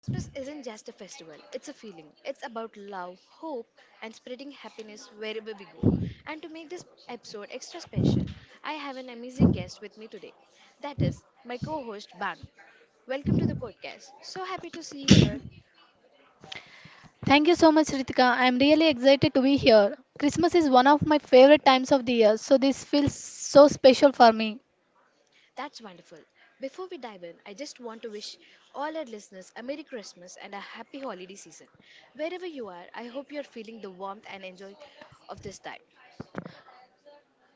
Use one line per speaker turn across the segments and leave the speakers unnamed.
Christmas isn't just a festival, it's a feeling. It's about love, hope, and spreading happiness wherever we go. And to make this episode extra special, I have an amazing guest with me today. That is my co host, Banu. Welcome to the podcast. So happy to see you here.
Thank you so much, Ritika. I am really excited to be here. Christmas is one of my favorite times of the year, so this feels so special for me.
That's wonderful. Before we dive in, I just want to wish all our listeners a Merry Christmas and a happy holiday season. Wherever you are, I hope you're feeling the warmth and enjoy of this time.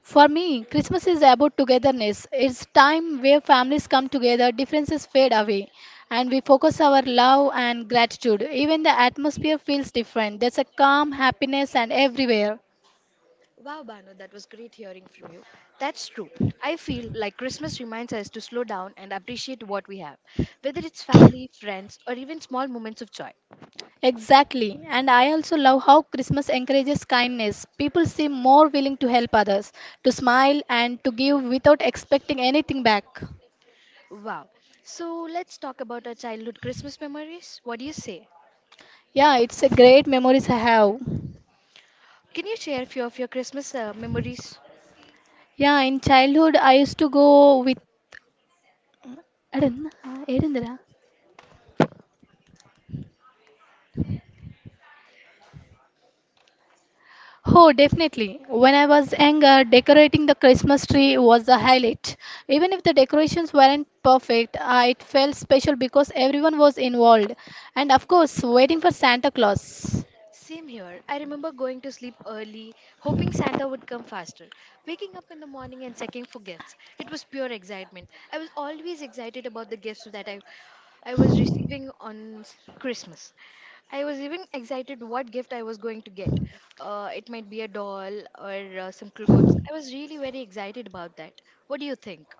For me, Christmas is about togetherness. It's time where families come together, differences fade away, and we focus our love and gratitude. Even the atmosphere feels different. There's a calm happiness and everywhere.
Wow, Banu, that was great hearing from you. That's true. I feel like Christmas reminds us to slow down and appreciate what we have, whether it's family, friends, or even small moments of joy.
Exactly. And I also love how Christmas encourages kindness. People seem more willing to help others, to smile and to give without expecting anything back.
Wow. So let's talk about our childhood Christmas memories. What do you say?
Yeah, it's a great memories I have.
Can you share a few of your Christmas memories?
Yeah, in childhood I used to go with Edendra? Oh, definitely. When I was younger, decorating the Christmas tree was the highlight. Even if the decorations weren't perfect, it felt special because everyone was involved. And of course, waiting for Santa Claus.
Same here. I remember going to sleep early, hoping Santa would come faster, waking up in the morning and checking for gifts. It was pure excitement. I was always excited about the gifts that I was receiving on Christmas. I was even excited what gift I was going to get. It might be a doll or some clothes. I was really very excited about that. What do you think?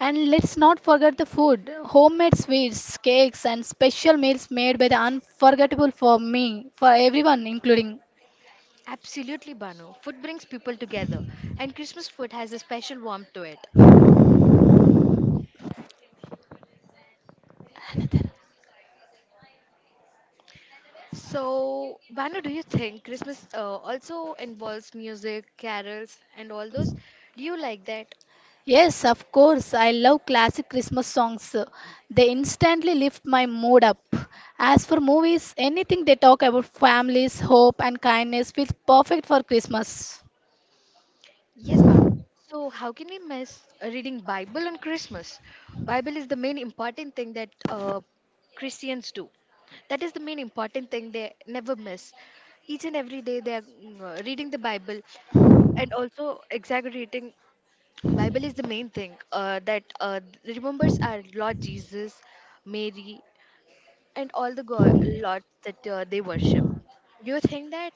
And let's not forget the food homemade sweets, cakes, and special meals made by the unforgettable for me, for everyone, including.
Absolutely, Bano. Food brings people together, and Christmas food has a special warmth to it. So, Banu, do you think Christmas also involves music, carols, and all those? Do you like that?
Yes, of course, I love classic Christmas songs. They instantly lift my mood up. As for movies, anything they talk about families, hope, and kindness feels perfect for Christmas.
Yes, Banu. So, how can we miss reading Bible on Christmas? Bible is the main important thing that Christians do. That is the main important thing they never miss. Each and every day they are reading the Bible and also exaggerating. Bible is the main thing that remembers our Lord Jesus, Mary, and all the lots that they worship. Do you think that?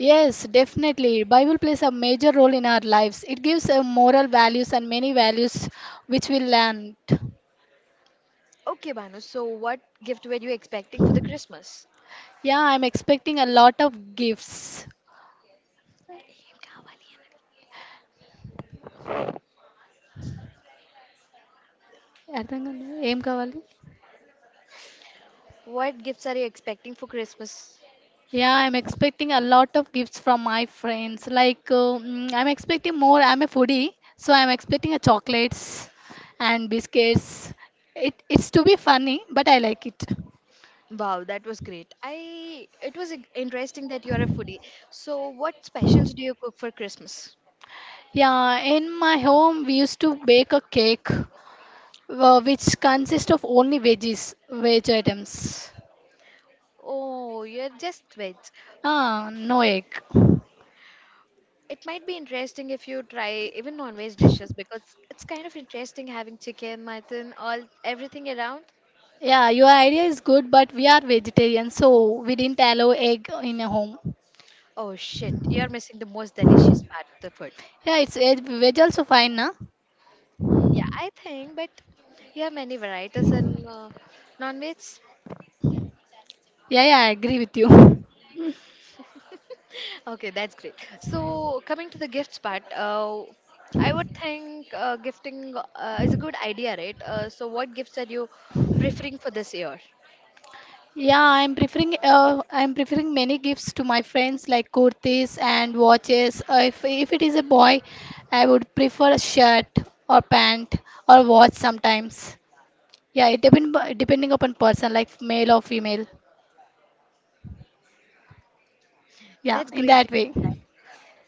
Yes, definitely. Bible plays a major role in our lives. It gives moral values and many values which we learned.
Okay, Banu, so what gift were you expecting for the Christmas?
Yeah, I'm expecting a lot of gifts. Aredangal, aim kaval.
What gifts are you expecting for Christmas?
Yeah, I'm expecting a lot of gifts from my friends. Like I'm expecting more. I'm a foodie, so I'm expecting a chocolates and biscuits. It's to be funny, but I like it.
Wow, that was great. I it was interesting that you are a foodie. So what specials do you cook for Christmas?
Yeah, in my home we used to bake a cake, which consists of only veggies, veg items.
Oh, you're just veg.
Ah, no egg.
It might be interesting if you try even non-veg dishes because it's kind of interesting having chicken, mutton, all everything around.
Yeah, your idea is good, but we are vegetarian, so we didn't allow egg in a home.
Oh shit, you're missing the most delicious part of the food.
Yeah, it's egg, veg also fine, na?
Mm, yeah, I think, but you have many varieties in non-veg.
Yeah, yeah, I agree with you.
Okay, that's great. So, coming to the gifts part, I would think gifting is a good idea, right? So, what gifts are you preferring for this year?
Yeah, I'm preferring many gifts to my friends like kurtis and watches. If it is a boy, I would prefer a shirt or pant or watch sometimes. Yeah, it depending upon person like male or female. Yeah,
That's
in
great.
that way.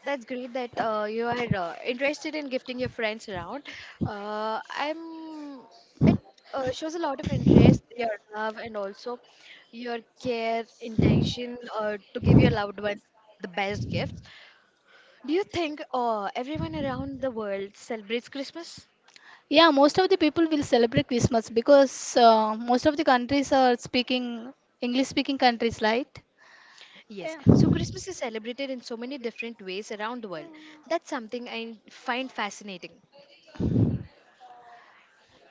That's great that you are interested in gifting your friends around. I'm. It shows a lot of interest, your love, and also your care, intention to give your loved ones the best gifts. Do you think everyone around the world celebrates Christmas?
Yeah, most of the people will celebrate Christmas because most of the countries are speaking English speaking countries, right?
Yes.
Yeah.
So Christmas is celebrated in so many different ways around the world. That's something I find fascinating.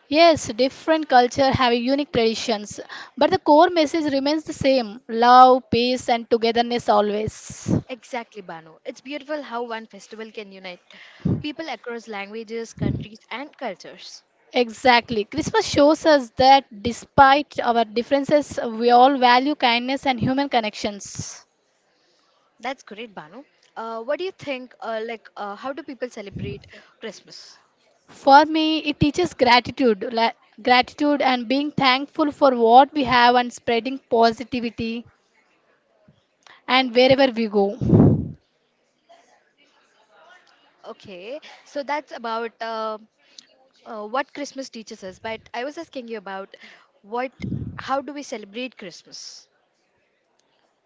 Yes, different culture have unique traditions, but the core message remains the same: love, peace, and togetherness always.
Exactly, Bano. It's beautiful how one festival can unite people across languages, countries, and cultures.
Exactly. Christmas shows us that despite our differences, we all value kindness and human connections.
That's great, Bano. What do you think? How do people celebrate Christmas?
For me, it teaches gratitude, gratitude and being thankful for what we have and spreading positivity and wherever we go.
Okay, so that's about what Christmas teaches us. But I was asking you about what, how do we celebrate Christmas?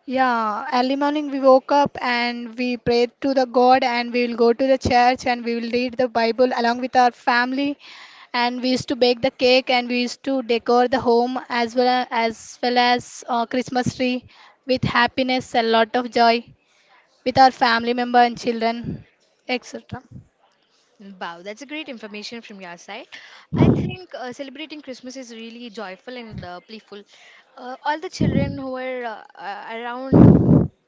Yeah, early morning we woke up and we prayed to the God and we will go to the church and we will read the Bible along with our family and we used to bake the cake and we used to decor the home as well as Christmas tree with happiness, a lot of joy with our family member and children, etc.
Wow, that's a great information from your side. I think celebrating Christmas is really joyful and playful. All the children who are around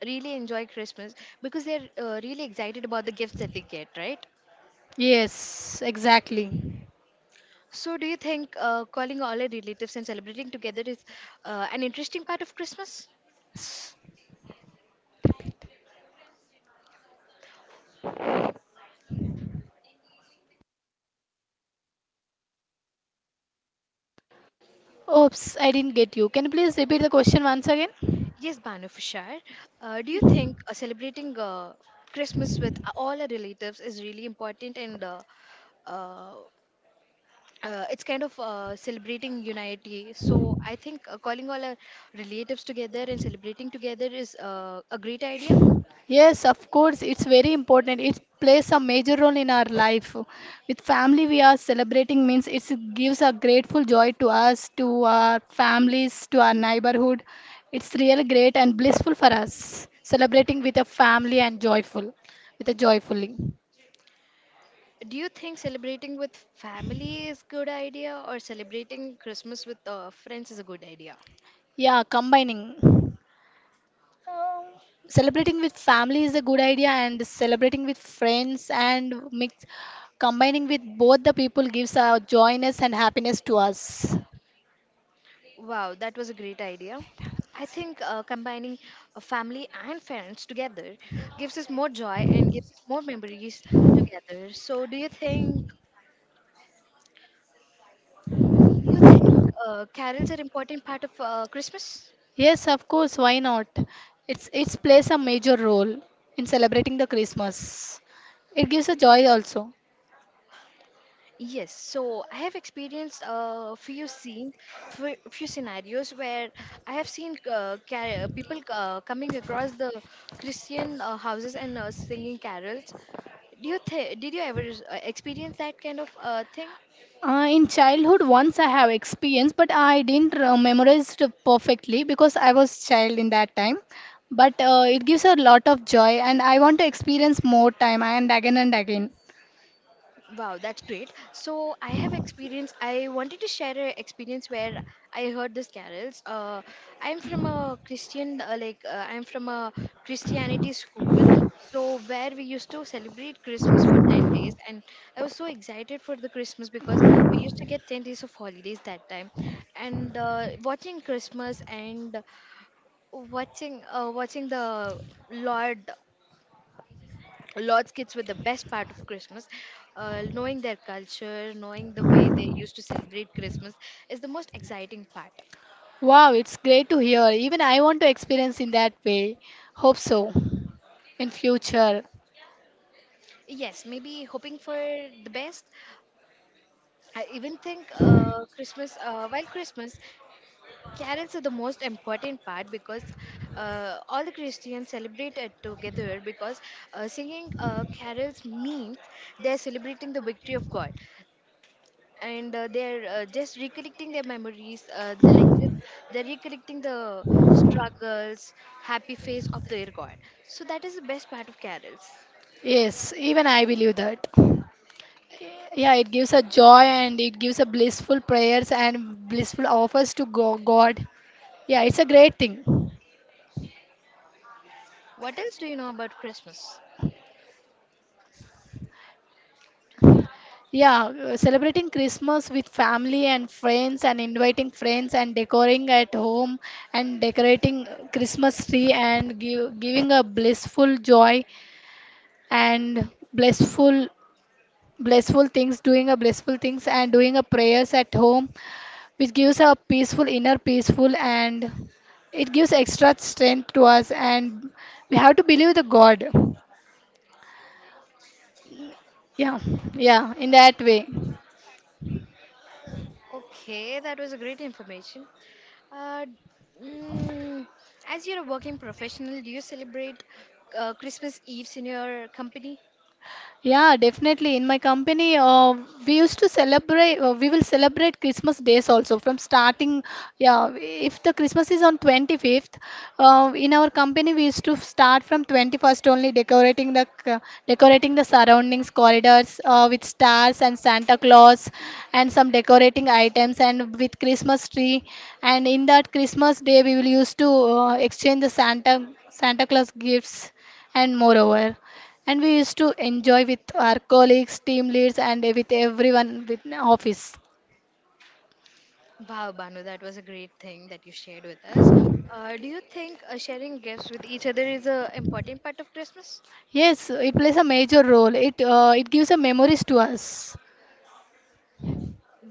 really enjoy Christmas because they're really excited about the gifts that they get, right?
Yes, exactly.
So, do you think calling all our relatives and celebrating together is an interesting part of Christmas?
Oops, I didn't get you. Can you please repeat the question once again?
Yes, Banu, for sure. Do you think celebrating Christmas with all our relatives is really important and uh, it's kind of celebrating unity. So I think calling all our relatives together and celebrating together is a great idea.
Yes, of course, it's very important. It plays a major role in our life. With family, we are celebrating means it gives a grateful joy to us, to our families, to our neighborhood. It's really great and blissful for us, celebrating with a family and joyful, with a joyfully.
Do you think celebrating with family is good idea or celebrating Christmas with friends is a good idea?
Yeah, combining. Celebrating with family is a good idea, and celebrating with friends and mix combining with both the people gives a joyness and happiness to us.
Wow, that was a great idea. I think combining family and friends together gives us more joy and gives more memories together. So, do you think do you think carols are important part of Christmas?
Yes, of course, why not? It's plays a major role in celebrating the Christmas. It gives a joy also.
Yes, so I have experienced a few scenes, few scenarios where I have seen people coming across the Christian houses and singing carols. Did you ever experience that kind of thing?
In childhood, once I have experienced, but I didn't memorize it perfectly because I was child in that time. But it gives a lot of joy, and I want to experience more time and again and again.
Wow, that's great. So I have experience. I wanted to share an experience where I heard these carols. I'm from a Christian, like I'm from a Christianity school. So where we used to celebrate Christmas for 10 days, and I was so excited for the Christmas because we used to get 10 days of holidays that time, and watching Christmas and watching the Lord Lord's kids were the best part of Christmas. Knowing their culture, knowing the way they used to celebrate Christmas is the most exciting part.
Wow, it's great to hear. Even I want to experience in that way. Hope so in future.
Yes, maybe hoping for the best. I even think while Christmas, carols are the most important part because all the Christians celebrate it together because singing carols means they're celebrating the victory of God, and they're just recollecting their memories, they're recollecting the struggles, happy face of their God. So that is the best part of carols.
Yes, even I believe that. Yeah, it gives a joy and it gives a blissful prayers and blissful offers to God. Yeah, it's a great thing.
What else do you know about Christmas?
Yeah, celebrating Christmas with family and friends and inviting friends and decorating at home and decorating Christmas tree and giving a blissful joy and blissful things doing a blissful things and doing a prayers at home which gives a peaceful inner peaceful and it gives extra strength to us and we have to believe the god yeah yeah in that way.
Okay, that was a great information. Uh, mm, as you're a working professional, do you celebrate Christmas eves in your company?
Yeah, definitely. In my company, we will celebrate Christmas days also from starting. Yeah, if the Christmas is on 25th, in our company, we used to start from 21st only decorating the surroundings, corridors with stars and Santa Claus and some decorating items and with Christmas tree. And in that Christmas day, we will used to exchange the Santa Claus gifts and moreover. And we used to enjoy with our colleagues, team leads, and with everyone with in office.
Wow, Banu, that was a great thing that you shared with us. Do you think sharing gifts with each other is an important part of Christmas?
Yes, it plays a major role. It gives a memories to us.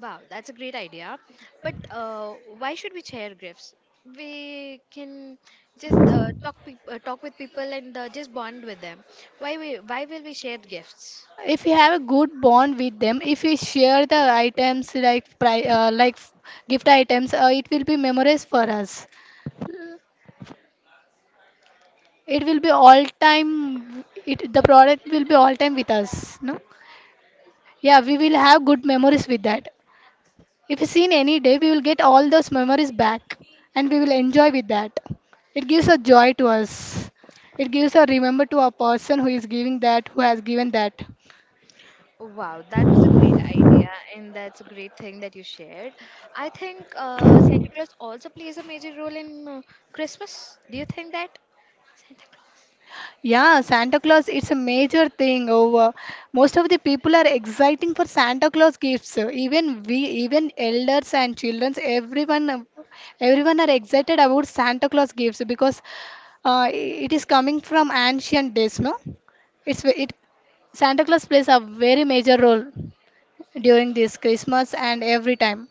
Wow, that's a great idea. But why should we share gifts? We can just talk with people and just bond with them. Why we why will we share gifts?
If we have a good bond with them, if we share the items like gift items, it will be memories for us. It will be all time. It the product will be all time with us. No, yeah, we will have good memories with that. If seen any day, we will get all those memories back and we will enjoy with that. It gives a joy to us. It gives a remember to a person who is giving that, who has given that.
Wow, that was a great idea, and that's a great thing that you shared. I think Santa Claus also plays a major role in Christmas. Do you think that?
Yeah, Santa Claus, it's a major thing over. Most of the people are exciting for Santa Claus gifts. Even we, even elders and children, everyone are excited about Santa Claus gifts because it is coming from ancient days, no? It's ve- it Santa Claus plays a very major role during this Christmas and every time.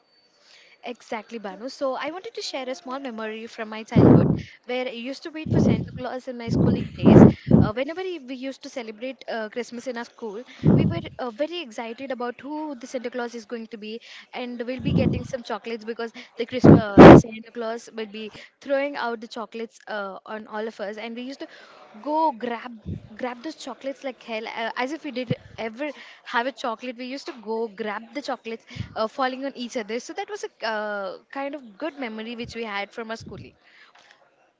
Exactly, Banu. So I wanted to share a small memory from my childhood where I used to wait for Santa Claus in my schooling days. Whenever we used to celebrate Christmas in our school, we were very excited about who the Santa Claus is going to be, and we'll be getting some chocolates because the Santa Claus will be throwing out the chocolates on all of us, and we used to go grab those chocolates like hell, as if we did ever have a chocolate. We used to go grab the chocolates falling on each other. So that was a kind of good memory which we had from our schooling.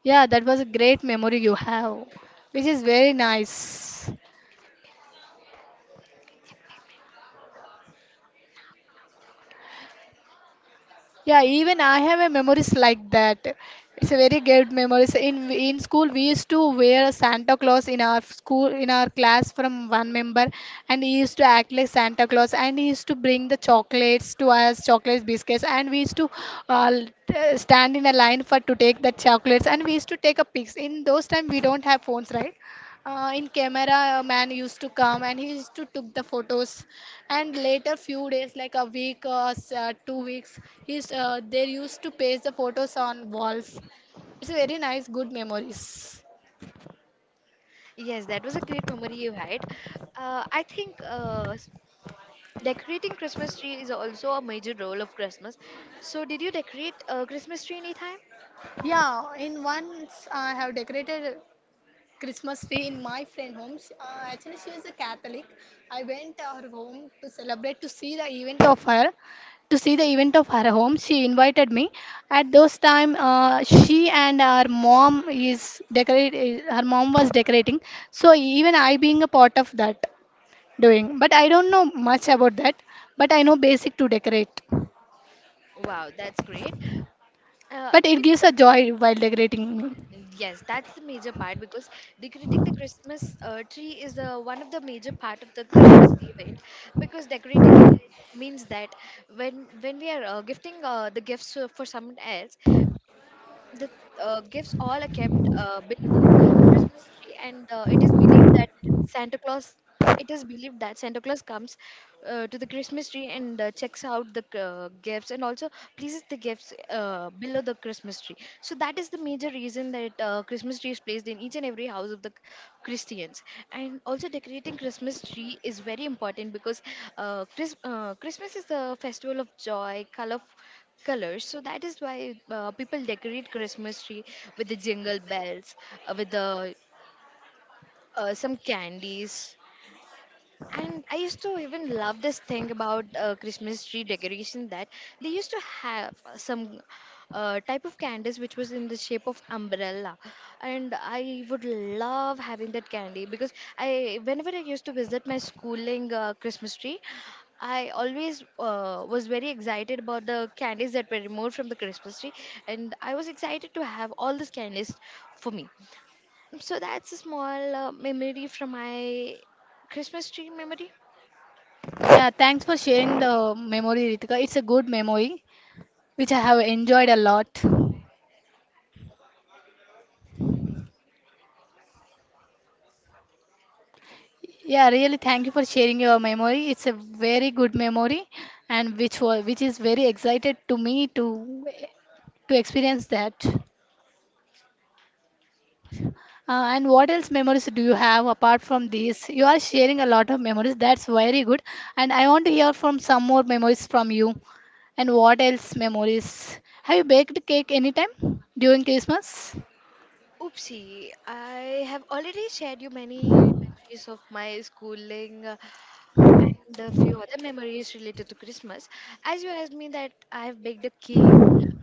Yeah, that was a great memory you have, which is very nice. Yeah, even I have a memories like that. It's a very good memories. In school, we used to wear a Santa Claus in our school in our class from one member, and he used to act like Santa Claus, and he used to bring the chocolates to us, chocolates, biscuits, and we used to uh, l- stand in a line for to take the chocolates, and we used to take a pics. In those time, we don't have phones, right? In camera, a man used to come and he used to took the photos and later few days like a week or 2 weeks he's they used to paste the photos on walls. It's a very nice good memories.
Yes, that was a great memory you had. I think decorating Christmas tree is also a major role of Christmas. So did you decorate a Christmas tree anytime?
Yeah, in once I have decorated Christmas tree in my friend home. She, actually, she is a Catholic. I went to her home to see the event of her home. She invited me. At those time, she and her mom is decorate. Eh, Her mom was decorating. So even I being a part of that doing, but I don't know much about that. But I know basic to decorate.
Wow, that's great. uh,
But it
even
gives a joy while decorating me.
yes, that's the major part because decorating the Christmas tree is the one of the major part of the Christmas event because decorating it means that when we are gifting the gifts for someone else, the gifts all are kept below mystery, and it is believed that Santa Claus. It is believed that Santa Claus comes to the Christmas tree and checks out the gifts and also places the gifts below the Christmas tree. So that is the major reason that Christmas tree is placed in each and every house of the Christians. And also decorating Christmas tree is very important because Christmas is the festival of joy, colors. So that is why people decorate Christmas tree with the jingle bells, with the some candies. And I used to even love this thing about Christmas tree decoration that they used to have some type of candies which was in the shape of umbrella, and I would love having that candy because I whenever I used to visit my schooling Christmas tree, I always was very excited about the candies that were removed from the Christmas tree, and I was excited to have all these candies for me. So that's a small memory from my Christmas tree memory.
Yeah, thanks for sharing the memory, Ritika. It's a good memory, which I have enjoyed a lot. Yeah, really thank you for sharing your memory. It's a very good memory and which is very excited to me to experience that. And what else memories do you have apart from these? You are sharing a lot of memories. That's very good. And I want to hear from some more memories from you. And what else memories? Have you baked cake anytime during Christmas?
Oopsie, I have already shared you many memories of my schooling, and a few other memories related to Christmas. As you asked me that, I have baked a cake.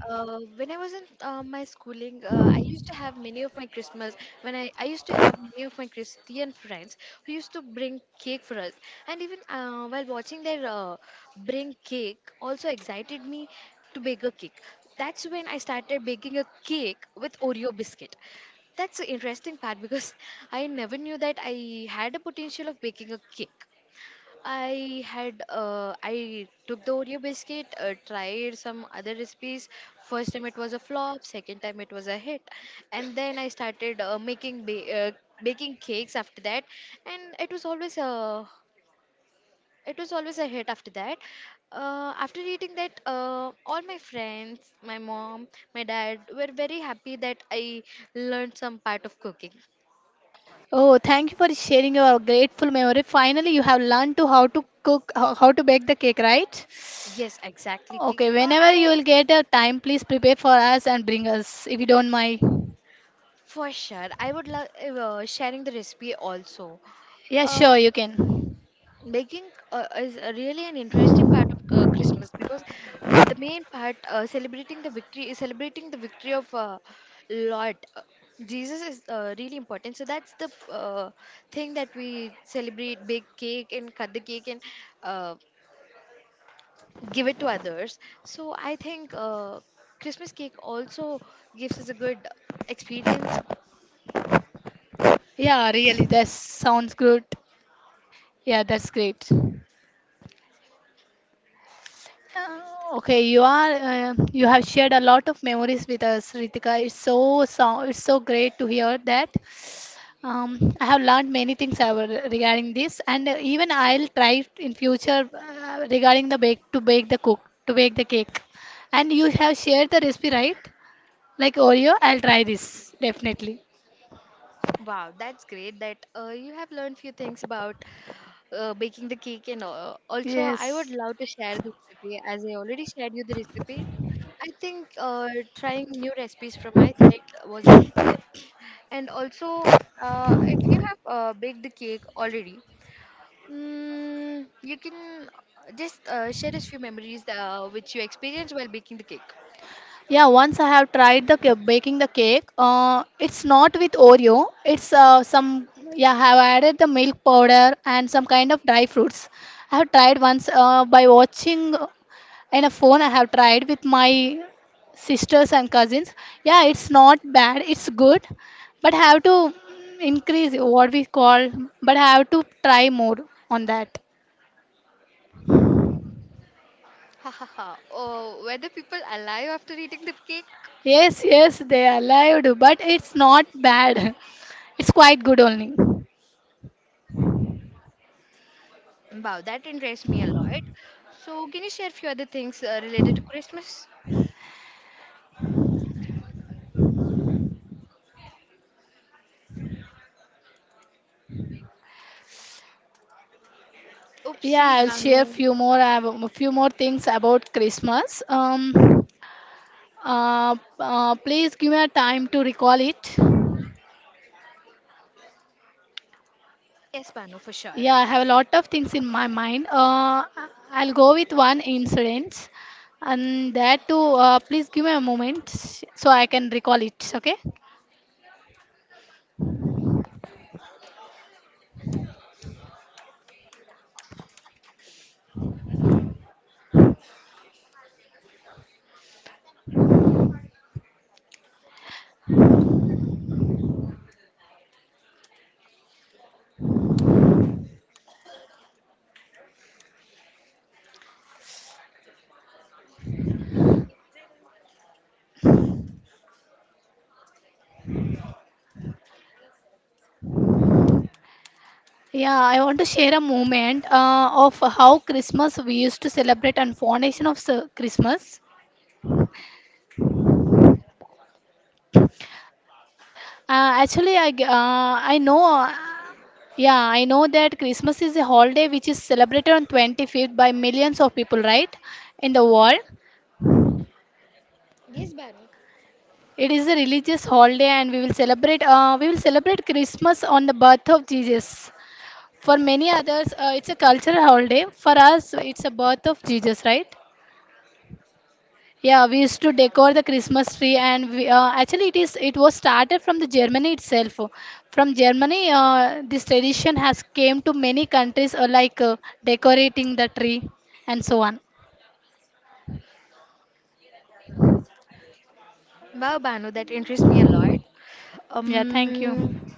When I was in my schooling, I used to have many of my Christmas. When I used to have many of my Christian friends who used to bring cake for us, and even while watching their bring cake, also excited me to bake a cake. That's when I started baking a cake with Oreo biscuit. That's the interesting part because I never knew that I had a potential of baking a cake. I took the Oreo biscuit, tried some other recipes. First time it was a flop, second time it was a hit, and then I started baking cakes after that, and it was always a hit after that. After eating that, all my friends, my mom, my dad were very happy that I learned some part of cooking.
Oh, thank you for sharing your grateful memory. Finally, you have learned to how to cook, how to bake the cake, right?
Yes, exactly. Ki-
Okay, whenever you
I
will get a time, please prepare for us and bring us if you don't mind.
For sure. I would love sharing the recipe also.
Yeah,
Uh,
sure, you can.
Baking is a really an interesting part of Christmas because the main part celebrating the victory of Lord Jesus is really important. So that's the thing that we celebrate, bake cake and cut the cake and uh, give it to others. So I think Christmas cake also gives us a good experience.
Yeah, really, that sounds good. Yeah, that's great. Uh, Okay, you have shared a lot of memories with us, Ritika. It's so great to hear that. I have learned many things regarding this, and even I'll try in future regarding the bake to bake the cook to bake the cake. And you have shared the recipe, right? Like Oreo, I'll try this definitely.
Wow, that's great that you have learned few things about baking the cake and all. Also, I would
Yes.
love to share the recipe as I already shared you the recipe. I think trying new recipes from my side was a great thing. And also, if you have baked the cake already, you can just share us few memories which you experienced while baking the cake.
Yeah, once I have tried baking the cake. It's not with Oreo. It's some yeah. I have added the milk powder and some kind of dry fruits. I have tried once by watching in a phone. I have tried with my sisters and cousins. Yeah, it's not bad. It's good, but have to increase what we call. But have to try more on that.
Ha ha ha. Oh, were the people alive after eating the cake?
Yes, yes, they are allowed, but it's not bad. It's quite good only.
Wow, that interests me a lot. So, can you share a few other things related to Christmas?
Yeah,
Oopsie,
I'll
Banu.
share few more things about Christmas. Please give me a time to recall it.
Yes, Banu, for sure.
Yeah, I have a lot of things in my mind. I'll go with one incident, and that too. Please give me a moment so I can recall it. Okay. Yeah, I want to share a moment of how Christmas we used to celebrate and foundation of Christmas. Actually, I g- I know. Yeah, I know that Christmas is a holiday which is celebrated on 25th by millions of people, right, in the world.
Yes, Banu.
It is a religious holiday, and we will celebrate. We will celebrate Christmas on the birth of Jesus. For many others, it's a cultural holiday. For us, it's a birth of Jesus, right? Yeah, we used to decor the Christmas tree, and we, actually, it is it was started from the Germany itself. From Germany, this tradition has came to many countries, decorating the tree and so on.
Wow, Banu, that interests me a lot.
Yeah, thank you.
Um,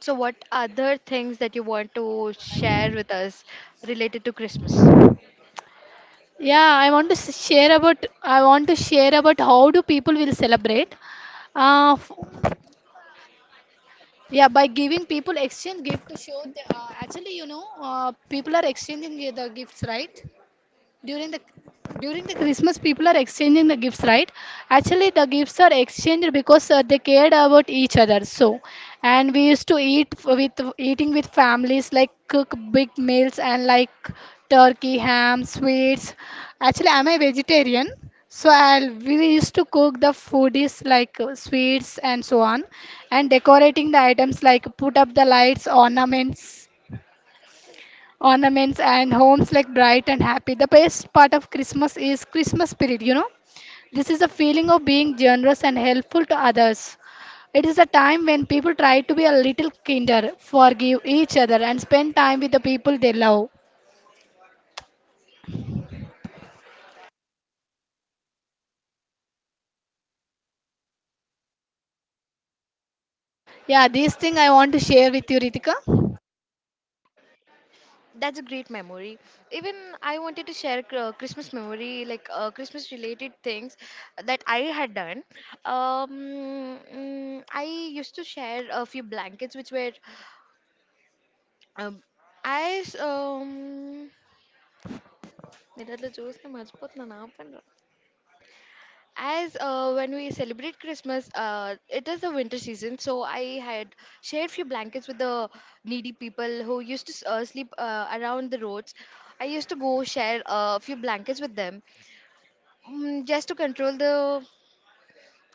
so, what other things that you want to share with us related to Christmas?
Yeah, I want to share about how do people will celebrate. Uh, f- yeah, by giving people exchange gift to show actually people are exchanging the gifts, right? during the During the Christmas people are exchanging the gifts, right? Actually, the gifts are exchanged because they cared about each other. So and we used to eating with families, like cook big meals and like turkey, ham, sweets. Actually, I'm a vegetarian, so I'll, we used to cook the food is like, sweets and so on, and decorating the items, like put up the lights, ornaments and homes like bright and happy. The best part of Christmas is Christmas spirit, you know. This is a feeling of being generous and helpful to others. It is a time when people try to be a little kinder, forgive each other, and spend time with the people they love. Yeah, this thing I want to share with you, Ritika.
That's a great memory. Even I wanted to share a Christmas memory, like Christmas related things that I had done. I used to share a few blankets which were Um, as మిరర్లో చూస్తే మర్చిపోతున్నాను ఆపండి. As when we celebrate Christmas, it is the winter season, so I had shared few blankets with the needy people who used to sleep around the roads. I used to go share a few blankets with them, just to control the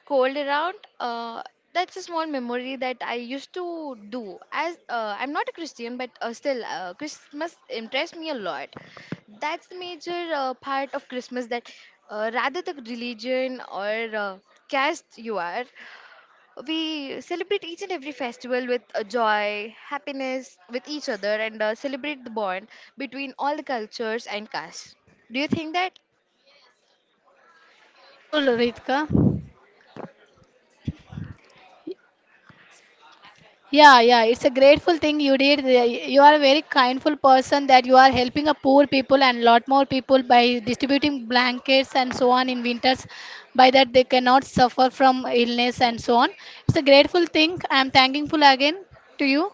cold around. uh, that's a small memory that I used to do, as I'm not a Christian, but still Christmas impressed me a lot. That's the major part of Christmas, that rather the religion or caste you are, we celebrate each and every festival with joy, happiness with each other, and celebrate the bond between all the cultures and castes. Do you think that
Full, Ritika. Yeah, yeah, it's a grateful thing you did. You are a very kindful person that you are helping a poor people and lot more people by distributing blankets and so on in winters. By that they cannot suffer from illness and so on. It's a grateful thing. I am thankful again to you.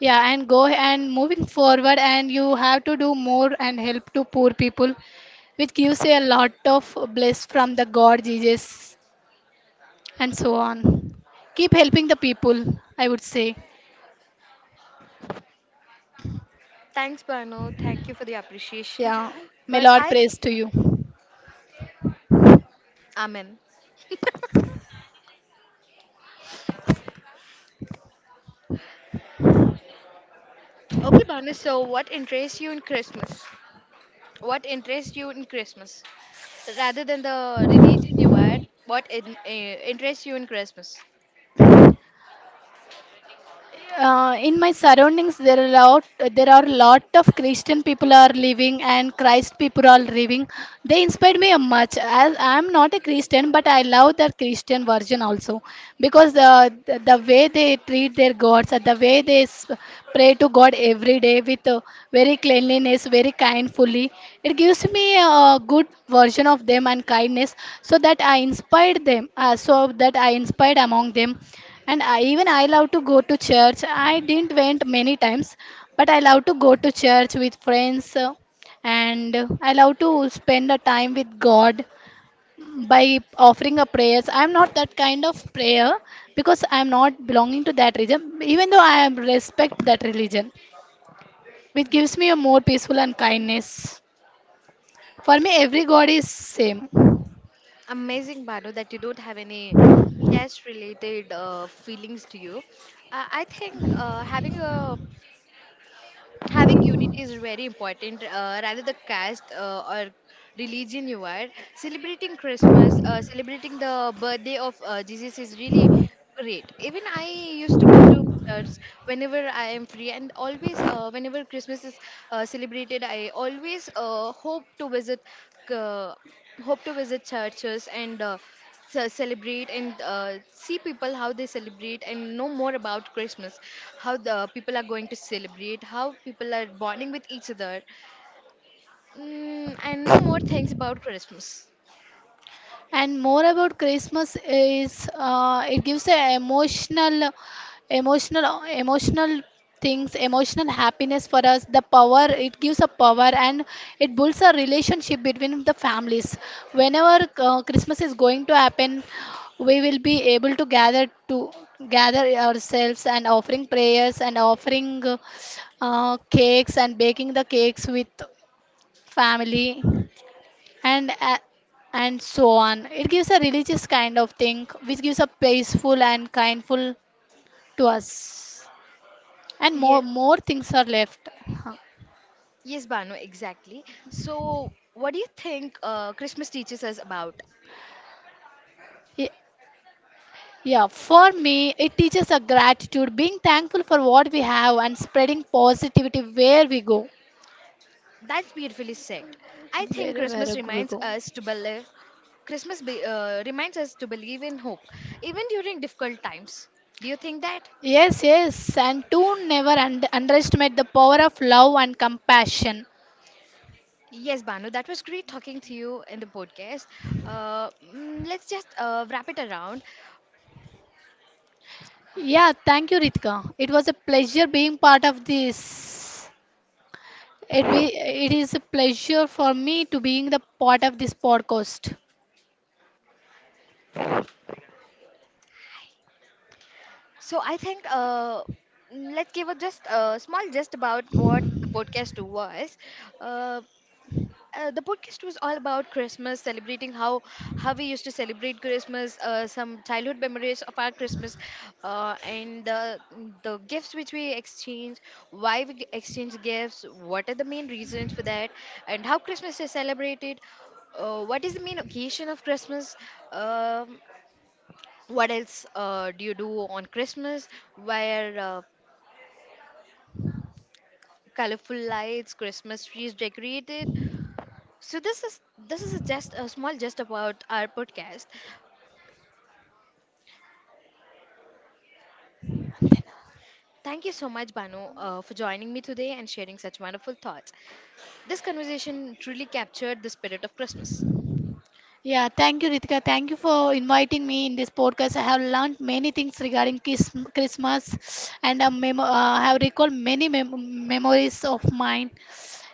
Yeah, and go and moving forward and you have to do more and help to poor people, which gives you a lot of bliss from the God Jesus and so on. Keep helping the people, I would say.
thanks, Bano, thank you for the appreciation.
Yeah, may
but
Lord
i
praise to you.
amen. Okay, Banu, so what interests you in Christmas? What interests you in Christmas? Rather than the religion you are, what interests you in Christmas?
In my surroundings, there are lot of Christian people are living and Christ people are living. They inspired me much. As I am not a Christian, but I love the Christian version also because the way they treat their gods, the way they s- pray to God every day with, very cleanliness, very kindfully, it gives me a good version of them and kindness, so that I inspired them. So that I inspired among them. And I, even I love to go to church. I didn't went many times, but I love to go to church with friends, and I love to spend the time with God by offering a prayers. I'm not that kind of prayer because I'm not belonging to that religion. Even though I am respect that religion, which gives me a more peaceful and kindness. For me, every God is same.
Amazing, Banu, that you don't have any cash related feelings to you. I think having unity is very important, rather the caste or religion you are. Celebrating Christmas, celebrating the birthday of Jesus is really great. Even I used to go to church whenever I am free, and always whenever Christmas is celebrated, I always uh, hope to visit churches and celebrate and see people how they celebrate and know more about Christmas, how the people are going to celebrate, how people are bonding with each other, and know more things about Christmas.
And more about Christmas is, it gives a emotional emotional emotional happiness for us. The power It gives a power, and it builds a relationship between the families. Whenever Christmas is going to happen, we will be able to gather ourselves and offering prayers and offering, cakes, and baking the cakes with family, and a and so on. It gives a religious kind of thing which gives a peaceful and kindful to us. And
Yeah,
more things are left. Huh.
yes, Banu, exactly. So what do you think Christmas teaches us about?
Ye- yeah, for me it teaches a gratitude, being thankful for what we have and spreading positivity where we go,
That's beautifully said. I think
wherever
Christmas
we
reminds
go.
us to believe. Christmas reminds us to believe in hope even during difficult times. Do you think that
Yes, yes, and to never underestimate the power of love and compassion.
yes, Banu, that was great talking to you in the podcast. Let's just wrap it around.
Yeah, thank you, Ritika. It was a pleasure being part of this. It is a pleasure for me to being the part of this podcast.
So I think let's give a just a small just about what the podcast was. Uh, the podcast was all about Christmas, celebrating how we used to celebrate Christmas, some childhood memories of our Christmas, and the gifts which we exchange, exchange gifts, what are the main reasons for that, and how Christmas is celebrated, what is the main occasion of Christmas, um, what else do you do on Christmas, where colorful lights, Christmas trees decorated. So this is a just a small just about our podcast. Thank you so much, Banu, for joining me today and sharing such wonderful thoughts. This conversation truly captured the spirit of Christmas.
Yeah, thank you, Ritika. Thank you for inviting me in this podcast. I have learned many things regarding Christmas, and I have recalled many memories of mine.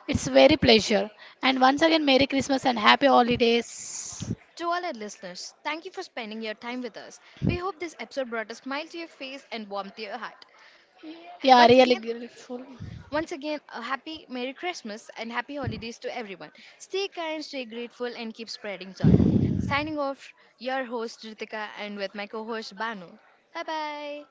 It's very pleasure. And once again, Merry Christmas and Happy Holidays.
To all our listeners, thank you for spending your time with us. We hope this episode brought a smile to your face and warmth to your heart. Uh,
Yeah,
Once
really
again,
grateful.
once again, a happy Merry Christmas and happy holidays to everyone. Stay kind, stay grateful, and keep spreading joy. Signing off, your host Ritika and with my co-host Banu. Bye bye.